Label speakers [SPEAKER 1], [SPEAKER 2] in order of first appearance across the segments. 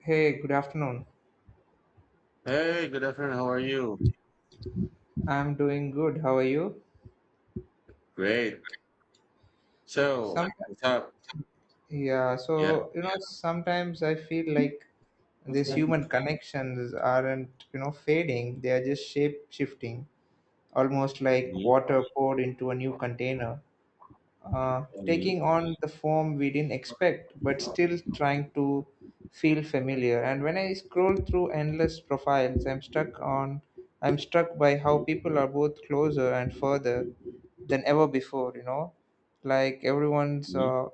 [SPEAKER 1] Hey, good afternoon.
[SPEAKER 2] Hey, good afternoon. How are you?
[SPEAKER 1] I'm doing good. How are you?
[SPEAKER 2] Great.
[SPEAKER 1] Some
[SPEAKER 2] So, what's up? Yeah.
[SPEAKER 1] Sometimes I feel like these
[SPEAKER 2] Mhm,
[SPEAKER 1] human connections aren't, fading. They are just shape shifting, almost like water poured into a new container,
[SPEAKER 2] mhm,
[SPEAKER 1] taking on the form we didn't expect, but still trying to feel familiar. And when I scroll through endless profiles, I'm struck by how people are both closer and further than ever before. You know, like everyone's,
[SPEAKER 2] mhm,
[SPEAKER 1] uh,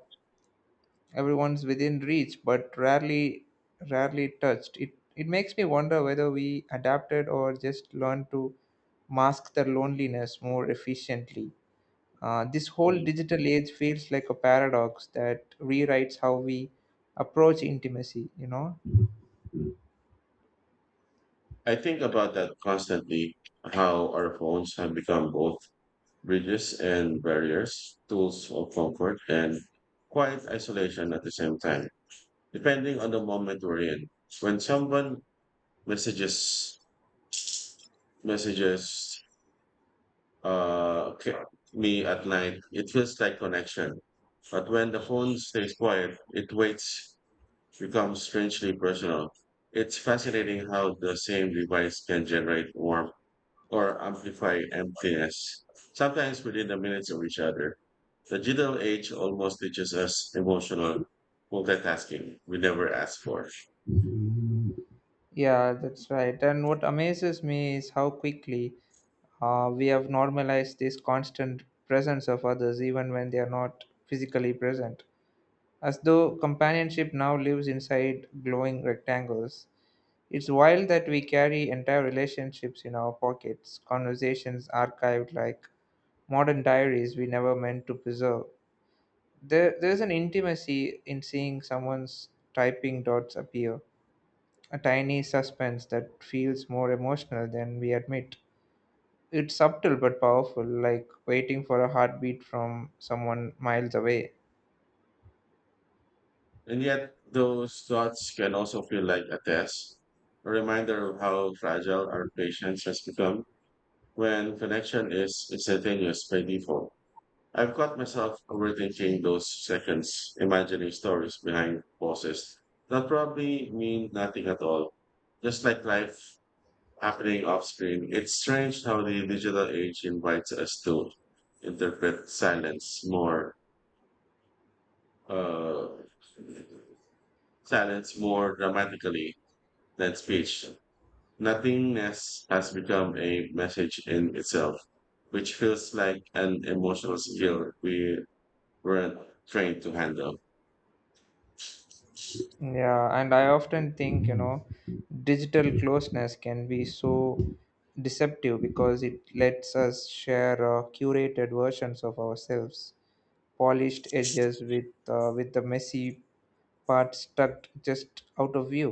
[SPEAKER 1] everyone's within reach, but rarely touched. It makes me wonder whether we adapted or just learned to mask the loneliness more efficiently. This whole
[SPEAKER 2] mhm.
[SPEAKER 1] digital age feels like a paradox that rewrites how we approach intimacy, you know?
[SPEAKER 2] I think about that constantly, how our phones have become both bridges and barriers, tools of comfort and quiet isolation at the same time, depending on the moment we're in. When someone messages, messages uh, ca- me at night, it feels like connection. But when the phone stays quiet, it waits, becomes strangely personal. It's fascinating how the same device can generate warmth or amplify emptiness, sometimes within the minutes of each other. The digital age almost teaches us emotional multitasking we never asked for.
[SPEAKER 1] Yeah, that's right. And what amazes me is how quickly we have normalized this constant presence of others, even when they are not physically present, as though companionship now lives inside glowing rectangles. It's wild that we carry entire relationships in our pockets, conversations archived like modern diaries we never meant to preserve. There's an intimacy in seeing someone's typing dots appear, a tiny suspense that feels more emotional than we admit. It's subtle but powerful, like waiting for a heartbeat from someone miles away.
[SPEAKER 2] And yet, those thoughts can also feel like a test, a reminder of how fragile our patience has become when connection is instantaneous by default. I've caught myself overthinking those seconds, imagining stories behind pauses that probably mean nothing at all. Just like life happening off screen, it's strange how the digital age invites us to interpret silence more, uh, silence more dramatically than speech. Nothingness has become a message in itself, which feels like an emotional skill we weren't trained to handle.
[SPEAKER 1] Yeah, and I often think, you know, digital closeness can be so deceptive because it lets us share curated versions of ourselves, polished edges with the messy parts tucked just out of view.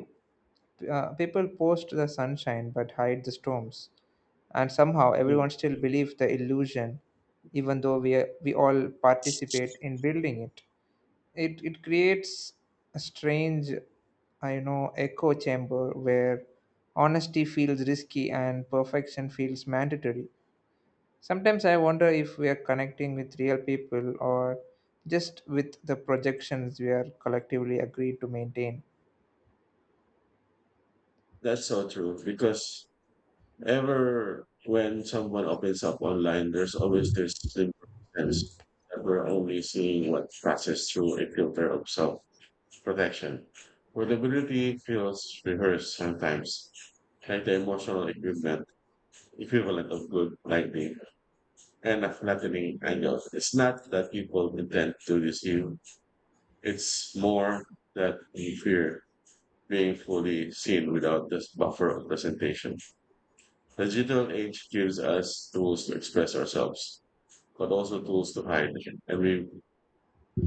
[SPEAKER 1] People post the sunshine but hide the storms, and somehow
[SPEAKER 2] Mm.
[SPEAKER 1] everyone still believes the illusion, even though we all participate in building it. It creates a strange, I know echo chamber where honesty feels risky and perfection feels mandatory. Sometimes I wonder if we are connecting with real people or just with the projections we are collectively agreed to maintain.
[SPEAKER 2] That's so true because ever when someone opens up online, there's always this slimmer sense that we're only seeing what passes through a filter of self protection. Vulnerability feels rehearsed sometimes, like the emotional equivalent of good lighting and a flattening angle. It's not that people intend to deceive, it's more that we fear being fully seen without this buffer of presentation. The digital age gives us tools to express ourselves, but also tools to hide, and we,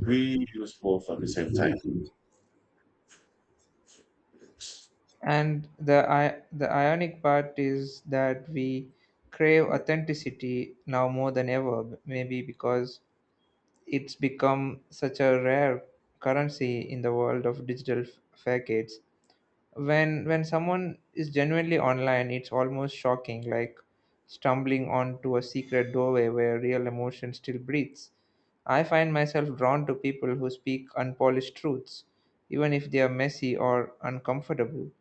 [SPEAKER 2] we use both at the same time.
[SPEAKER 1] The ionic part is that we crave authenticity now more than ever, maybe because it's become such a rare currency in the world of digital facades. When someone is genuinely online, it's almost shocking, like stumbling onto a secret doorway where real emotion still breathes. I find myself drawn to people who speak unpolished truths, even if they are messy or uncomfortable.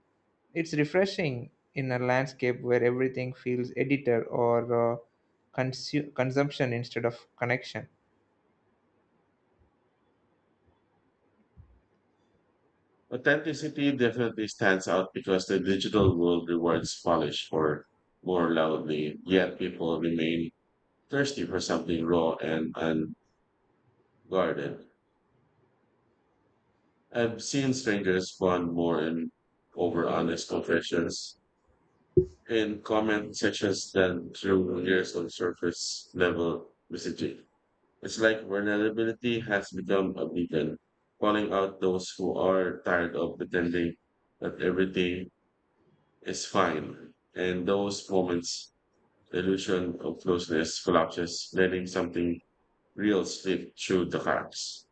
[SPEAKER 1] It's refreshing in a landscape where everything feels edited or uh, consumption instead of connection.
[SPEAKER 2] Authenticity definitely stands out because the digital world rewards polish for more loudly, yet people remain thirsty for something raw and unguarded. I've seen strangers bond more in over honest confessions in comment sections than through years of surface level messaging. It's like vulnerability has become a beacon, calling out those who are tired of pretending that everything is fine. And those moments, the illusion of closeness collapses, letting something real slip through the cracks.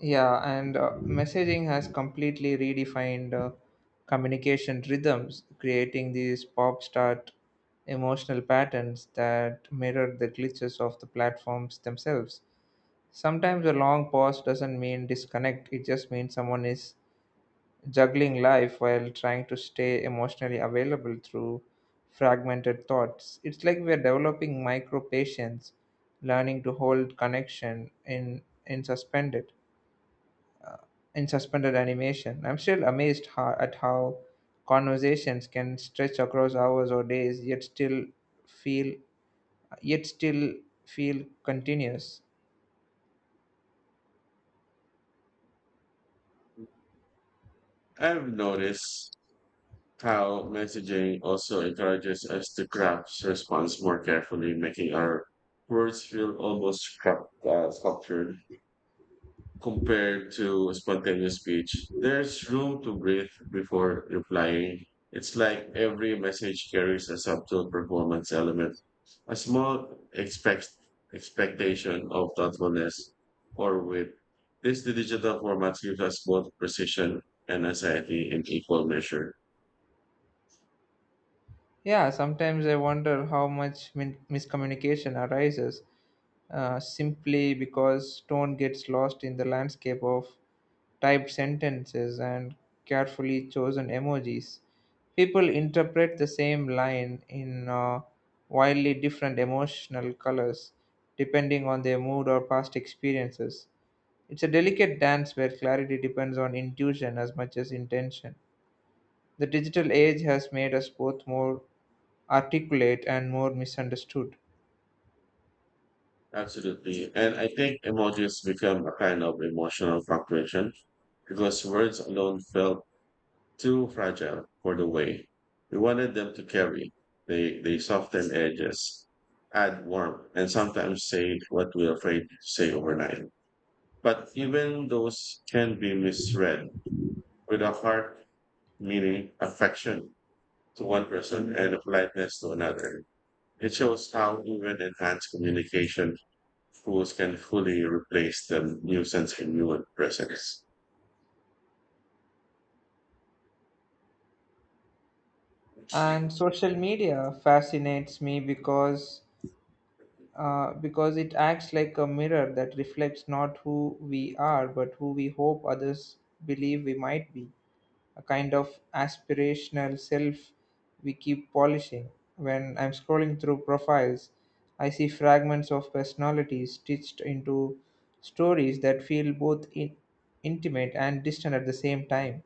[SPEAKER 1] Yeah, and messaging has completely redefined communication rhythms, creating these pop start emotional patterns that mirror the glitches of the platforms themselves. Sometimes a long pause doesn't mean disconnect, it just means someone is juggling life while trying to stay emotionally available through fragmented thoughts. It's like we're developing micro patience, learning to hold connection in suspended animation. I'm still amazed at how conversations can stretch across hours or days, feel yet still feel continuous.
[SPEAKER 2] I've noticed how messaging also encourages us to craft response more carefully, making our words feel almost sculptured compared to spontaneous speech. There's room to breathe before replying. It's like every message carries a subtle performance element, a small expect, expectation of thoughtfulness or wit. This digital format gives us both precision and anxiety in equal measure.
[SPEAKER 1] Yeah, sometimes I wonder how much miscommunication arises simply because tone gets lost in the landscape of typed sentences and carefully chosen emojis. People interpret the same line in wildly different emotional colors depending on their mood or past experiences. It's a delicate dance where clarity depends on intuition as much as intention. The digital age has made us both more articulate and more misunderstood.
[SPEAKER 2] Absolutely. And I think emojis become a kind of emotional competition because words alone felt too fragile for the way we wanted them to carry. They soften edges, add warmth, and sometimes say what we're afraid to say overnight. But even those can be misread, with a heart meaning affection to one person and a politeness to another. It shows how even enhanced communication tools can fully replace the nuisance in human presence.
[SPEAKER 1] And social media fascinates me because it acts like a mirror that reflects not who we are, but who we hope others believe we might be. A kind of aspirational self we keep polishing. When I'm scrolling through profiles, I see fragments of personalities stitched into stories that feel both intimate and distant at the same time.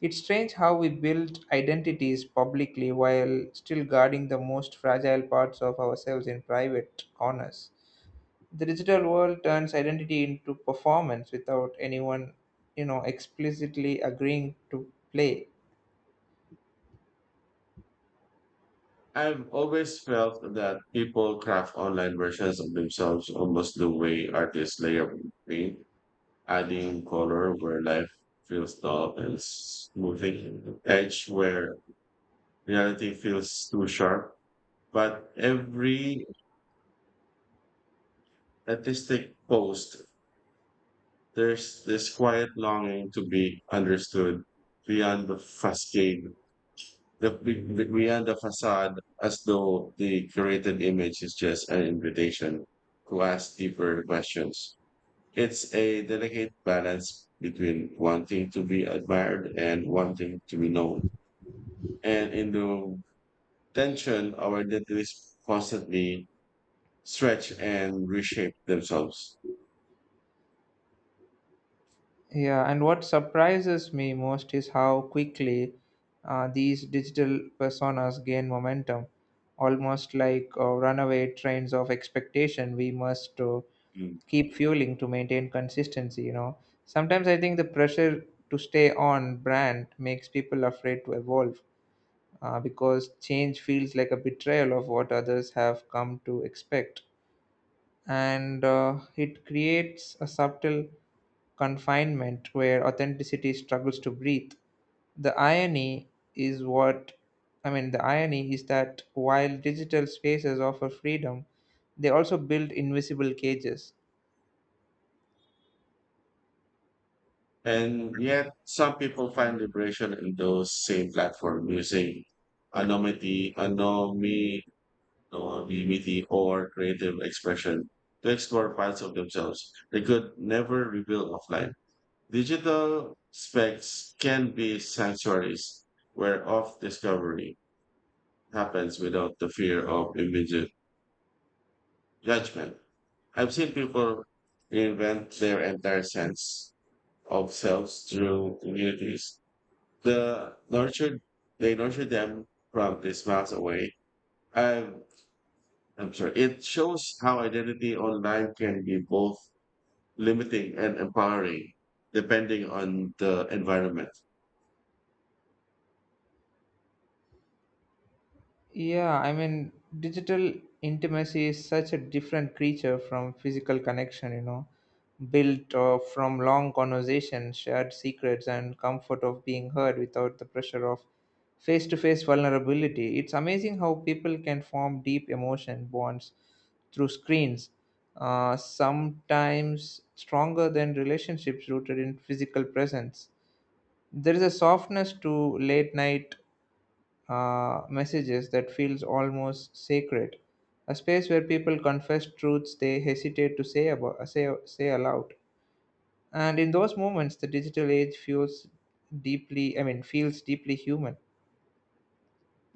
[SPEAKER 1] It's strange how we build identities publicly while still guarding the most fragile parts of ourselves in private corners. The digital world turns identity into performance without anyone, you know, explicitly agreeing to play.
[SPEAKER 2] I've always felt that people craft online versions of themselves almost the way artists layer paint, adding color where life feels dull and smoothing edge where reality feels too sharp. But every artistic post, there's this quiet longing to be understood beyond the facade, beyond the facade, as though the curated image is just an invitation to ask deeper questions. It's a delicate balance between wanting to be admired and wanting to be known. And in the tension, our identities constantly stretch and reshape themselves.
[SPEAKER 1] Yeah, and what surprises me most is how quickly these digital personas gain momentum, almost like runaway trains of expectation we must
[SPEAKER 2] Mm.
[SPEAKER 1] keep fueling to maintain consistency, you know. Sometimes I think the pressure to stay on brand makes people afraid to evolve, because change feels like a betrayal of what others have come to expect, and it creates a subtle confinement where authenticity struggles to breathe. The irony is what i mean the irony is that while digital spaces offer freedom, they also build invisible cages.
[SPEAKER 2] And yet, some people find liberation in those same platform using anonymity, or beauty, or creative expression to explore parts of themselves they could never reveal offline. Digital specs can be sanctuaries where off discovery happens without the fear of immediate judgment. I've seen people reinvent their entire sense of selves through communities. The nurtured they nurture them from this miles away. I've I'm sorry. It shows how identity online can be both limiting and empowering, depending on the environment.
[SPEAKER 1] Yeah, I mean, digital intimacy is such a different creature from physical connection, you know, built from long conversations, shared secrets, and comfort of being heard without the pressure of face to face vulnerability. It's amazing how people can form deep emotion bonds through screens, sometimes stronger than relationships rooted in physical presence. There is a softness to late night messages that feels almost sacred, a space where people confess truths they hesitate to say aloud. And in those moments, the digital age feels deeply, I mean, feels deeply human.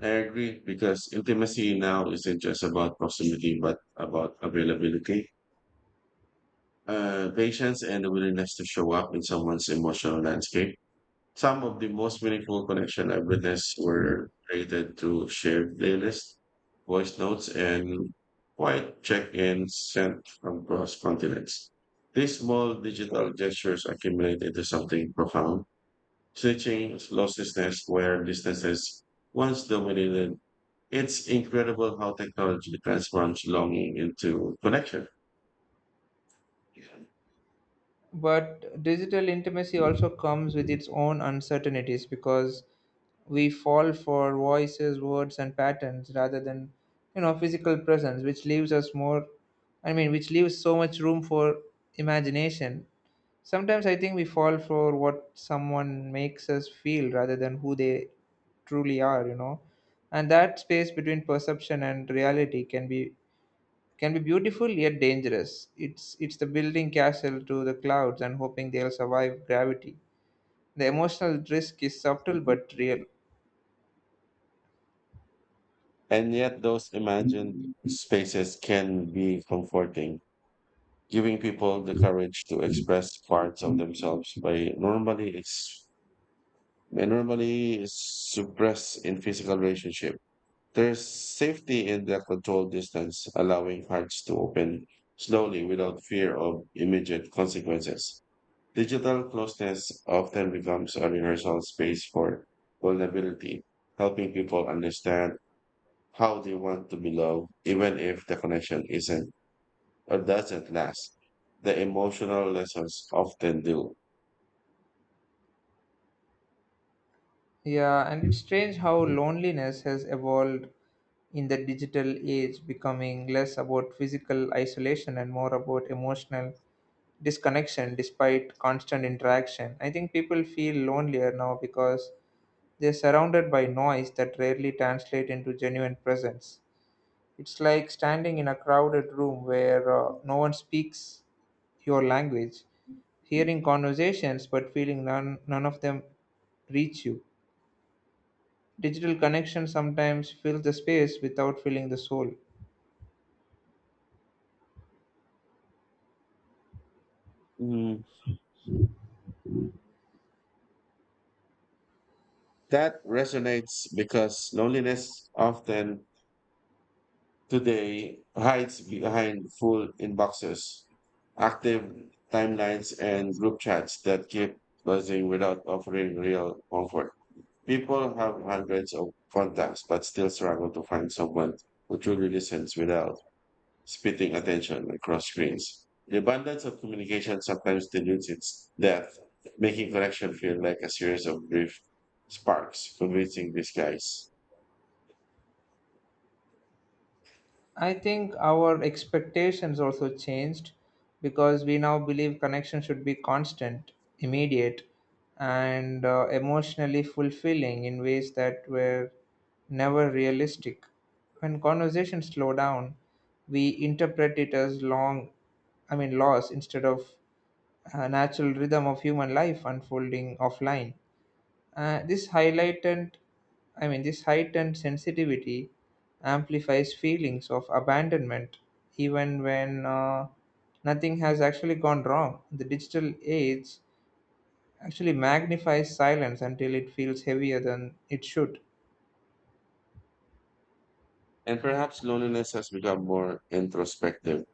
[SPEAKER 2] I agree because intimacy now isn't just about proximity, but about availability, patience, and the willingness to show up in someone's emotional landscape. Some of the most meaningful connection I've witnessed were created through shared playlists, voice notes, and quiet check-ins sent from across continents. These small digital gestures accumulate into something profound, stitching losslessness where distances once dominated. It's incredible how technology transforms longing into connection.
[SPEAKER 1] But digital intimacy also comes with its own uncertainties because we fall for voices, words, and patterns rather than, you know, physical presence, which leaves us more. I mean, which leaves so much room for imagination. Sometimes I think we fall for what someone makes us feel rather than who they truly are. You know, and that space between perception and reality can be beautiful yet dangerous. It's the building castle to the clouds and hoping they'll survive gravity. The emotional risk is subtle but real.
[SPEAKER 2] And yet, those imagined spaces can be comforting, giving people the courage to express parts of themselves by normally suppress in physical relationship. There's safety in the controlled distance, allowing hearts to open slowly without fear of immediate consequences. Digital closeness often becomes a rehearsal space for vulnerability, helping people understand how they want to be loved, even if the connection isn't or doesn't last. The emotional lessons often do.
[SPEAKER 1] Yeah, and it's strange how loneliness has evolved in the digital age, becoming less about physical isolation and more about emotional disconnection despite constant interaction. I think people feel lonelier now because they're surrounded by noise that rarely translate into genuine presence. It's like standing in a crowded room where no one speaks your language, hearing conversations but feeling none of them reach you. Digital connection sometimes fills the space without filling the soul.
[SPEAKER 2] Mm, that resonates because loneliness often today hides behind full inboxes, active timelines, and group chats that keep buzzing without offering real comfort. People have hundreds of contacts but still struggle to find someone who truly listens without splitting attention across screens. The abundance of communication sometimes dilutes its depth, making connection feel like a series of brief sparks, convincing disguise.
[SPEAKER 1] I think our expectations also changed because we now believe connection should be constant, immediate, and emotionally fulfilling in ways that were never realistic. When conversations slow down, we interpret it as loss instead of a natural rhythm of human life unfolding offline. This highlighted, I mean, This heightened sensitivity amplifies feelings of abandonment, even when nothing has actually gone wrong. The digital age actually magnifies silence until it feels heavier than it should.
[SPEAKER 2] And perhaps loneliness has become more introspective,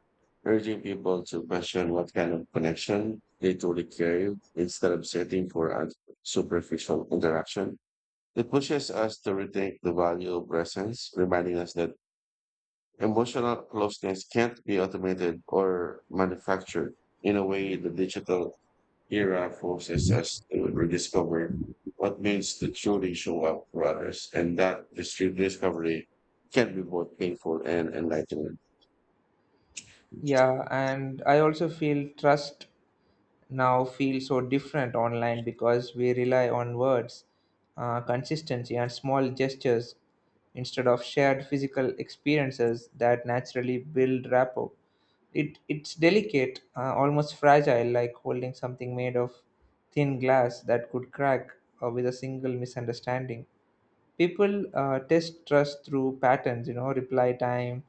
[SPEAKER 2] urging people to question what kind of connection they truly crave instead of searching for a superficial interaction. It pushes us to rethink the value of presence, reminding us that emotional closeness can't be automated or manufactured. In a way, the digital era forces us to rediscover what means to truly show up for others. And that this discovery can be both painful and enlightening.
[SPEAKER 1] Yeah, and I also feel trust now feel so different online because we rely on words, consistency, and small gestures instead of shared physical experiences that naturally build rapport. It's delicate, almost fragile, like holding something made of thin glass that could crack with a single misunderstanding. People test trust through patterns, you know, reply time,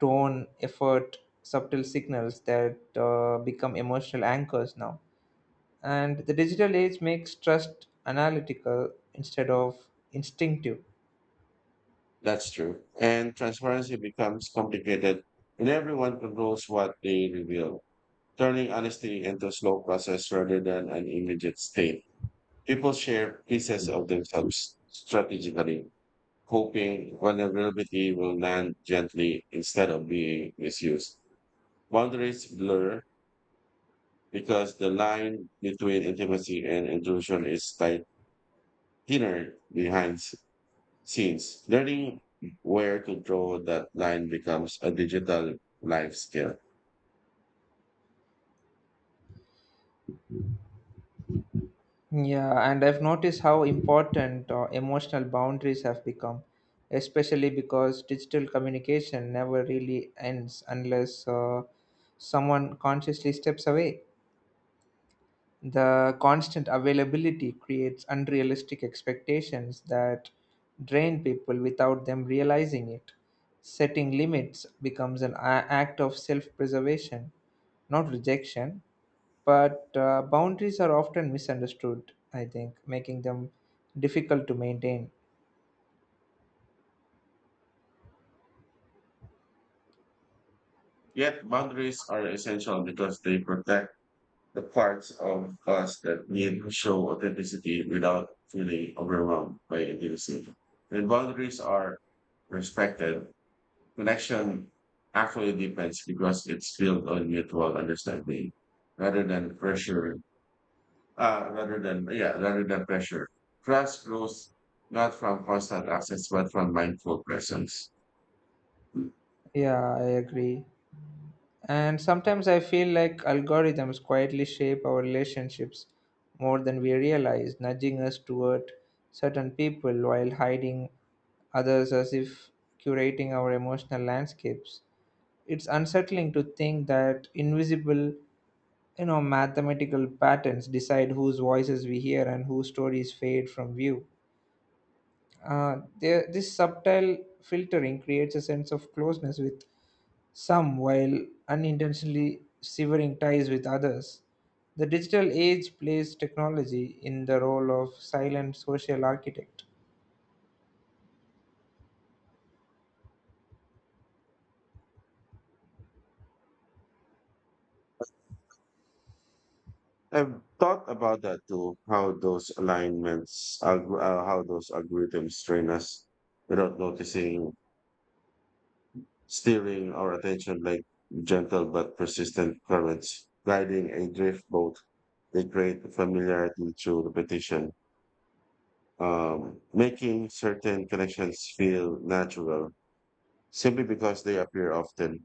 [SPEAKER 1] tone, effort, subtle signals that become emotional anchors now, and the digital age makes trust analytical instead of instinctive.
[SPEAKER 2] That's true. And transparency becomes complicated and everyone controls what they reveal, turning honesty into a slow process rather than an immediate state. People share pieces of themselves strategically, hoping vulnerability will land gently instead of being misused. Boundaries blur because the line between intimacy and intrusion is tight, thinner behind scenes. Learning where to draw that line becomes a digital life skill.
[SPEAKER 1] Yeah, and I've noticed how important emotional boundaries have become, especially because digital communication never really ends unless someone consciously steps away. The constant availability creates unrealistic expectations that drain people without them realizing it. Setting limits becomes an act of self preservation, not rejection. But boundaries are often misunderstood, I think, making them difficult to maintain.
[SPEAKER 2] Yet boundaries are essential because they protect the parts of us that need to show authenticity without feeling overwhelmed by intimacy. When boundaries are respected, connection actually depends because it's built on mutual understanding rather than pressure, uh, rather than, yeah, rather than pressure. Trust grows not from constant access, but from mindful presence.
[SPEAKER 1] Yeah, I agree. And sometimes I feel like algorithms quietly shape our relationships more than we realize, nudging us toward certain people while hiding others, as if curating our emotional landscapes. It's unsettling to think that invisible, you know, mathematical patterns decide whose voices we hear and whose stories fade from view. This subtle filtering creates a sense of closeness with some while unintentionally severing ties with others. The digital age plays technology in the role of silent social architect.
[SPEAKER 2] I've thought about that too, how those algorithms train us without noticing, steering our attention like gentle but persistent currents guiding a drift boat. They create familiarity through repetition, making certain connections feel natural simply because they appear often.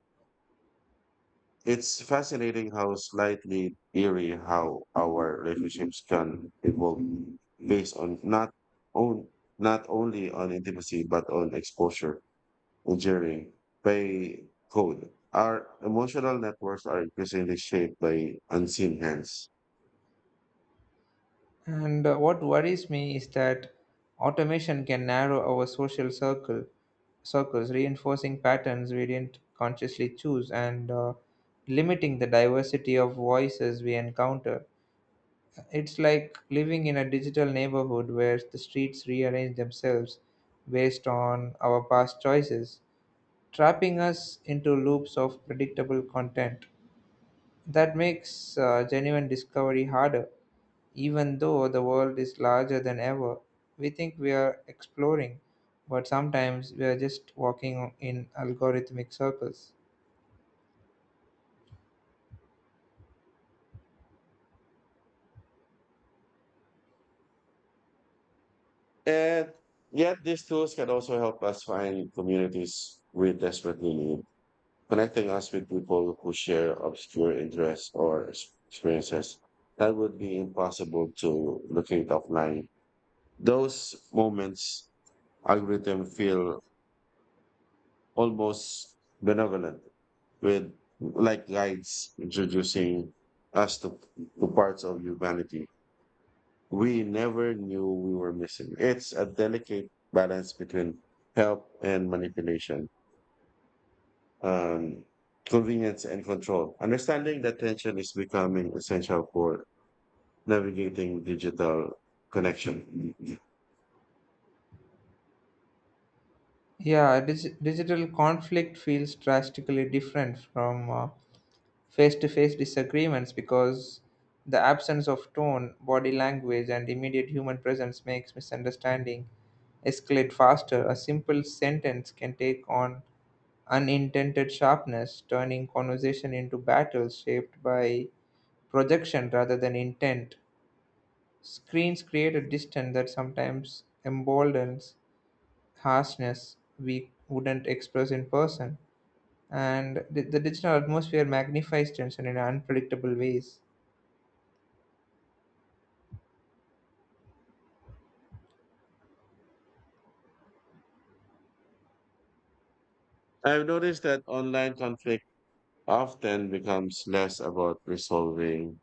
[SPEAKER 2] It's fascinating, how slightly eerie how our relationships can evolve based on not only on intimacy but on exposure. Injury by code. Our emotional networks are increasingly shaped by unseen hands.
[SPEAKER 1] And what worries me is that automation can narrow our social circle circles, reinforcing patterns we didn't consciously choose, and limiting the diversity of voices we encounter. It's like living in a digital neighborhood where the streets rearrange themselves based on our past choices, trapping us into loops of predictable content. That makes genuine discovery harder. Even though the world is larger than ever, we think we are exploring, but sometimes we are just walking in algorithmic circles.
[SPEAKER 2] And yet, these tools can also help us find communities we desperately need, connecting us with people who share obscure interests or experiences that would be impossible to locate offline. Those moments, algorithm feel almost benevolent, with like guides introducing us to, to parts of humanity we never knew we were missing. It's a delicate balance between help and manipulation, um, convenience and control. Understanding that tension is becoming essential for navigating digital connection.
[SPEAKER 1] Yeah, digital conflict feels drastically different from face to face disagreements because the absence of tone, body language, and immediate human presence makes misunderstanding escalate faster. A simple sentence can take on unintended sharpness, turning conversation into battles shaped by projection rather than intent. Screens create a distance that sometimes emboldens harshness we wouldn't express in person, and the digital atmosphere magnifies tension in unpredictable ways.
[SPEAKER 2] I've noticed that online conflict often becomes less about resolving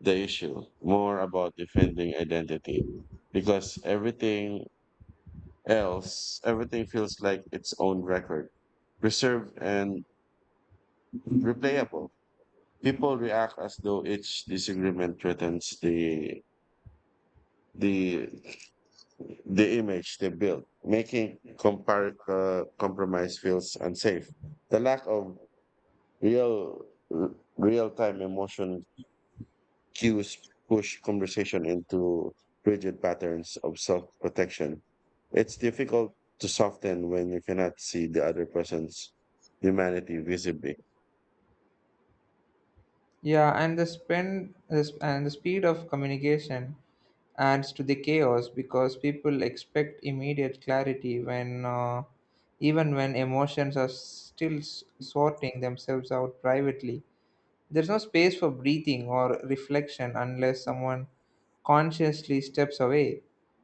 [SPEAKER 2] the issue, more about defending identity because everything else, everything feels like its own record, reserved and replayable. People react as though each disagreement threatens the the image they build, making compromise feels unsafe. The lack of real real time emotion cues push conversation into rigid patterns of self protection. It's difficult to soften when you cannot see the other person's humanity visibly.
[SPEAKER 1] Yeah, and the speed of communication adds to the chaos because people expect immediate clarity when even when emotions are still sorting themselves out privately. There's no space for breathing or reflection unless someone consciously steps away,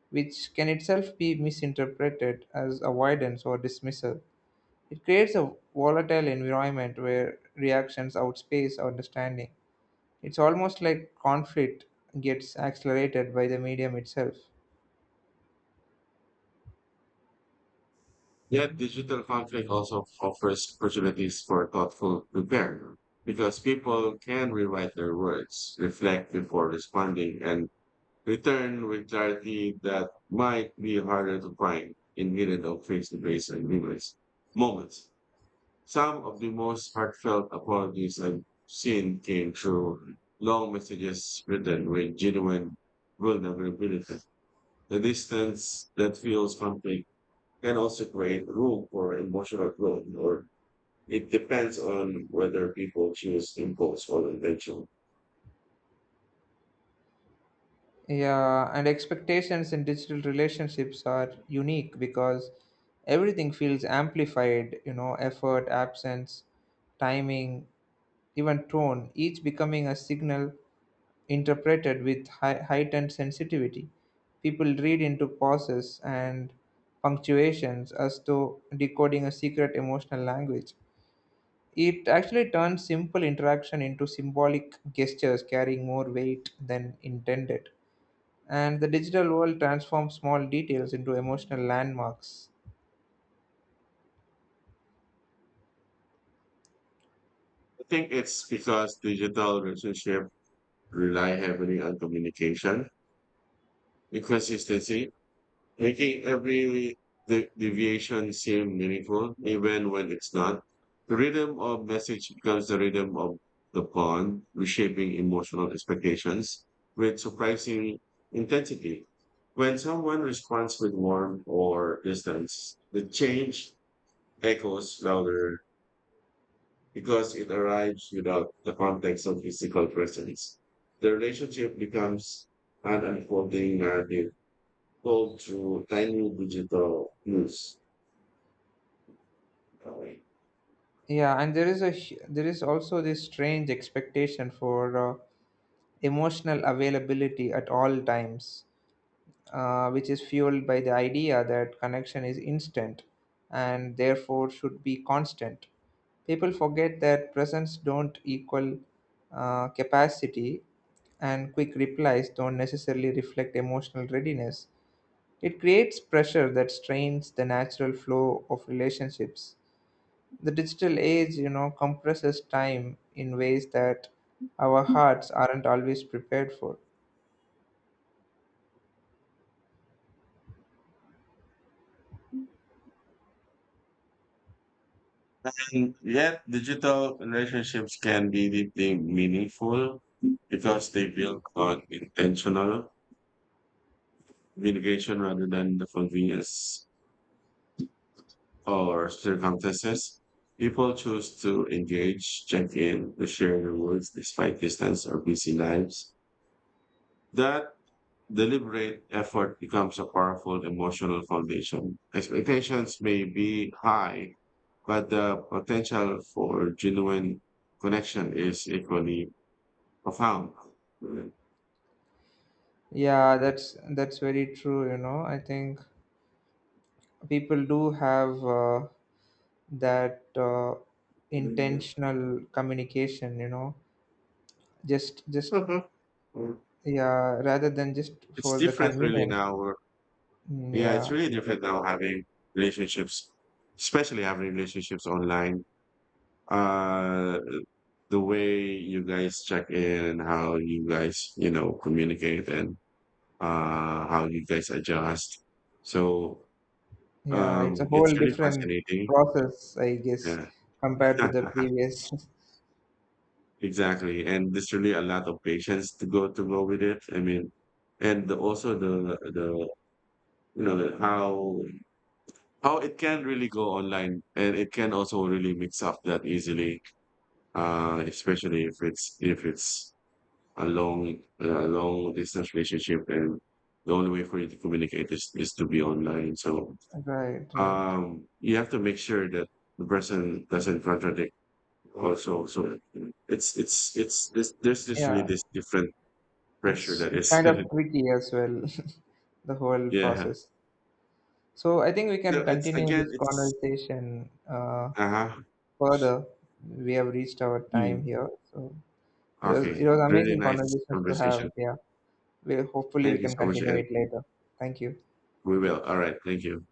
[SPEAKER 1] which can itself be misinterpreted as avoidance or dismissal. It creates a volatile environment where reactions outspace understanding. It's almost like conflict gets accelerated by the medium itself.
[SPEAKER 2] Yet digital conflict also offers opportunities for thoughtful repair because people can rewrite their words, reflect before responding, and return with clarity that might be harder to find in meeting of face-to-face agreements. Moments. Some of the most heartfelt apologies I've seen came through long messages written with genuine vulnerability. The distance that feels conflict can also create room for emotional growth, or it depends on whether people choose impulse or intention.
[SPEAKER 1] Yeah, and expectations in digital relationships are unique because everything feels amplified, you know, effort, absence, timing, even tone, each becoming a signal interpreted with heightened sensitivity. People read into pauses and punctuations as though decoding a secret emotional language. It actually turns simple interaction into symbolic gestures carrying more weight than intended. And the digital world transforms small details into emotional landmarks.
[SPEAKER 2] I think it's because digital relationships rely heavily on communication, inconsistency, making every deviation seem meaningful, even when it's not. The rhythm of message becomes the rhythm of the pawn, reshaping emotional expectations with surprising intensity. When someone responds with warmth or distance, the change echoes louder because it arrives without the context of physical presence. The relationship becomes an unfolding narrative go to tiny digital use.
[SPEAKER 1] Yeah, and there is there is also this strange expectation for emotional availability at all times, which is fueled by the idea that connection is instant and therefore should be constant. People forget that presence don't equal capacity, and quick replies don't necessarily reflect emotional readiness. It creates pressure that strains the natural flow of relationships. The digital age, you know, compresses time in ways that our hearts aren't always prepared for.
[SPEAKER 2] And yet, digital relationships can be deeply meaningful because they build on intentional communication rather than the convenience or circumstances. People choose to engage, check in, to share their words despite distance or busy lives. That deliberate effort becomes a powerful emotional foundation. Expectations may be high, but the potential for genuine connection is equally profound. Hmm.
[SPEAKER 1] Yeah, that's very true, you know. I think people do have that intentional communication, you know, just yeah, rather than just
[SPEAKER 2] It's
[SPEAKER 1] for the
[SPEAKER 2] different, really,
[SPEAKER 1] convenience.
[SPEAKER 2] now.
[SPEAKER 1] Mm,
[SPEAKER 2] Yeah, it's
[SPEAKER 1] yeah.
[SPEAKER 2] really different now having relationships, especially having relationships online. Uh, the way you guys check in and how you guys, you know, communicate and how you guys adjust. So
[SPEAKER 1] Yeah, it's a whole
[SPEAKER 2] it's really
[SPEAKER 1] different
[SPEAKER 2] fascinating.
[SPEAKER 1] process, I guess,
[SPEAKER 2] Yeah,
[SPEAKER 1] compared to the previous.
[SPEAKER 2] exactly. And there's really a lot of patience to go with it. I mean, and the, also the you know how it can really go online, and it can also really mix up that easily, especially if it's a long distance relationship. And the only way for you to communicate is to be online. So
[SPEAKER 1] Right, right.
[SPEAKER 2] you have to make sure that the person doesn't contradict also, so it's this there's just
[SPEAKER 1] Yeah,
[SPEAKER 2] really this different pressure that
[SPEAKER 1] it's
[SPEAKER 2] is
[SPEAKER 1] kind of tricky as well. The whole
[SPEAKER 2] yeah,
[SPEAKER 1] process. So I think we can
[SPEAKER 2] so it's
[SPEAKER 1] continue
[SPEAKER 2] again
[SPEAKER 1] this
[SPEAKER 2] it's
[SPEAKER 1] conversation,
[SPEAKER 2] uh-huh.
[SPEAKER 1] further. We have reached our time
[SPEAKER 2] Hmm.
[SPEAKER 1] here, so.
[SPEAKER 2] Okay,
[SPEAKER 1] It was
[SPEAKER 2] really
[SPEAKER 1] amazing
[SPEAKER 2] nice
[SPEAKER 1] conversations to have.
[SPEAKER 2] conversation,
[SPEAKER 1] Yeah. We hopefully we
[SPEAKER 2] thank you
[SPEAKER 1] can
[SPEAKER 2] so much,
[SPEAKER 1] continue
[SPEAKER 2] and
[SPEAKER 1] it later. Thank you.
[SPEAKER 2] we will, all right, thank you.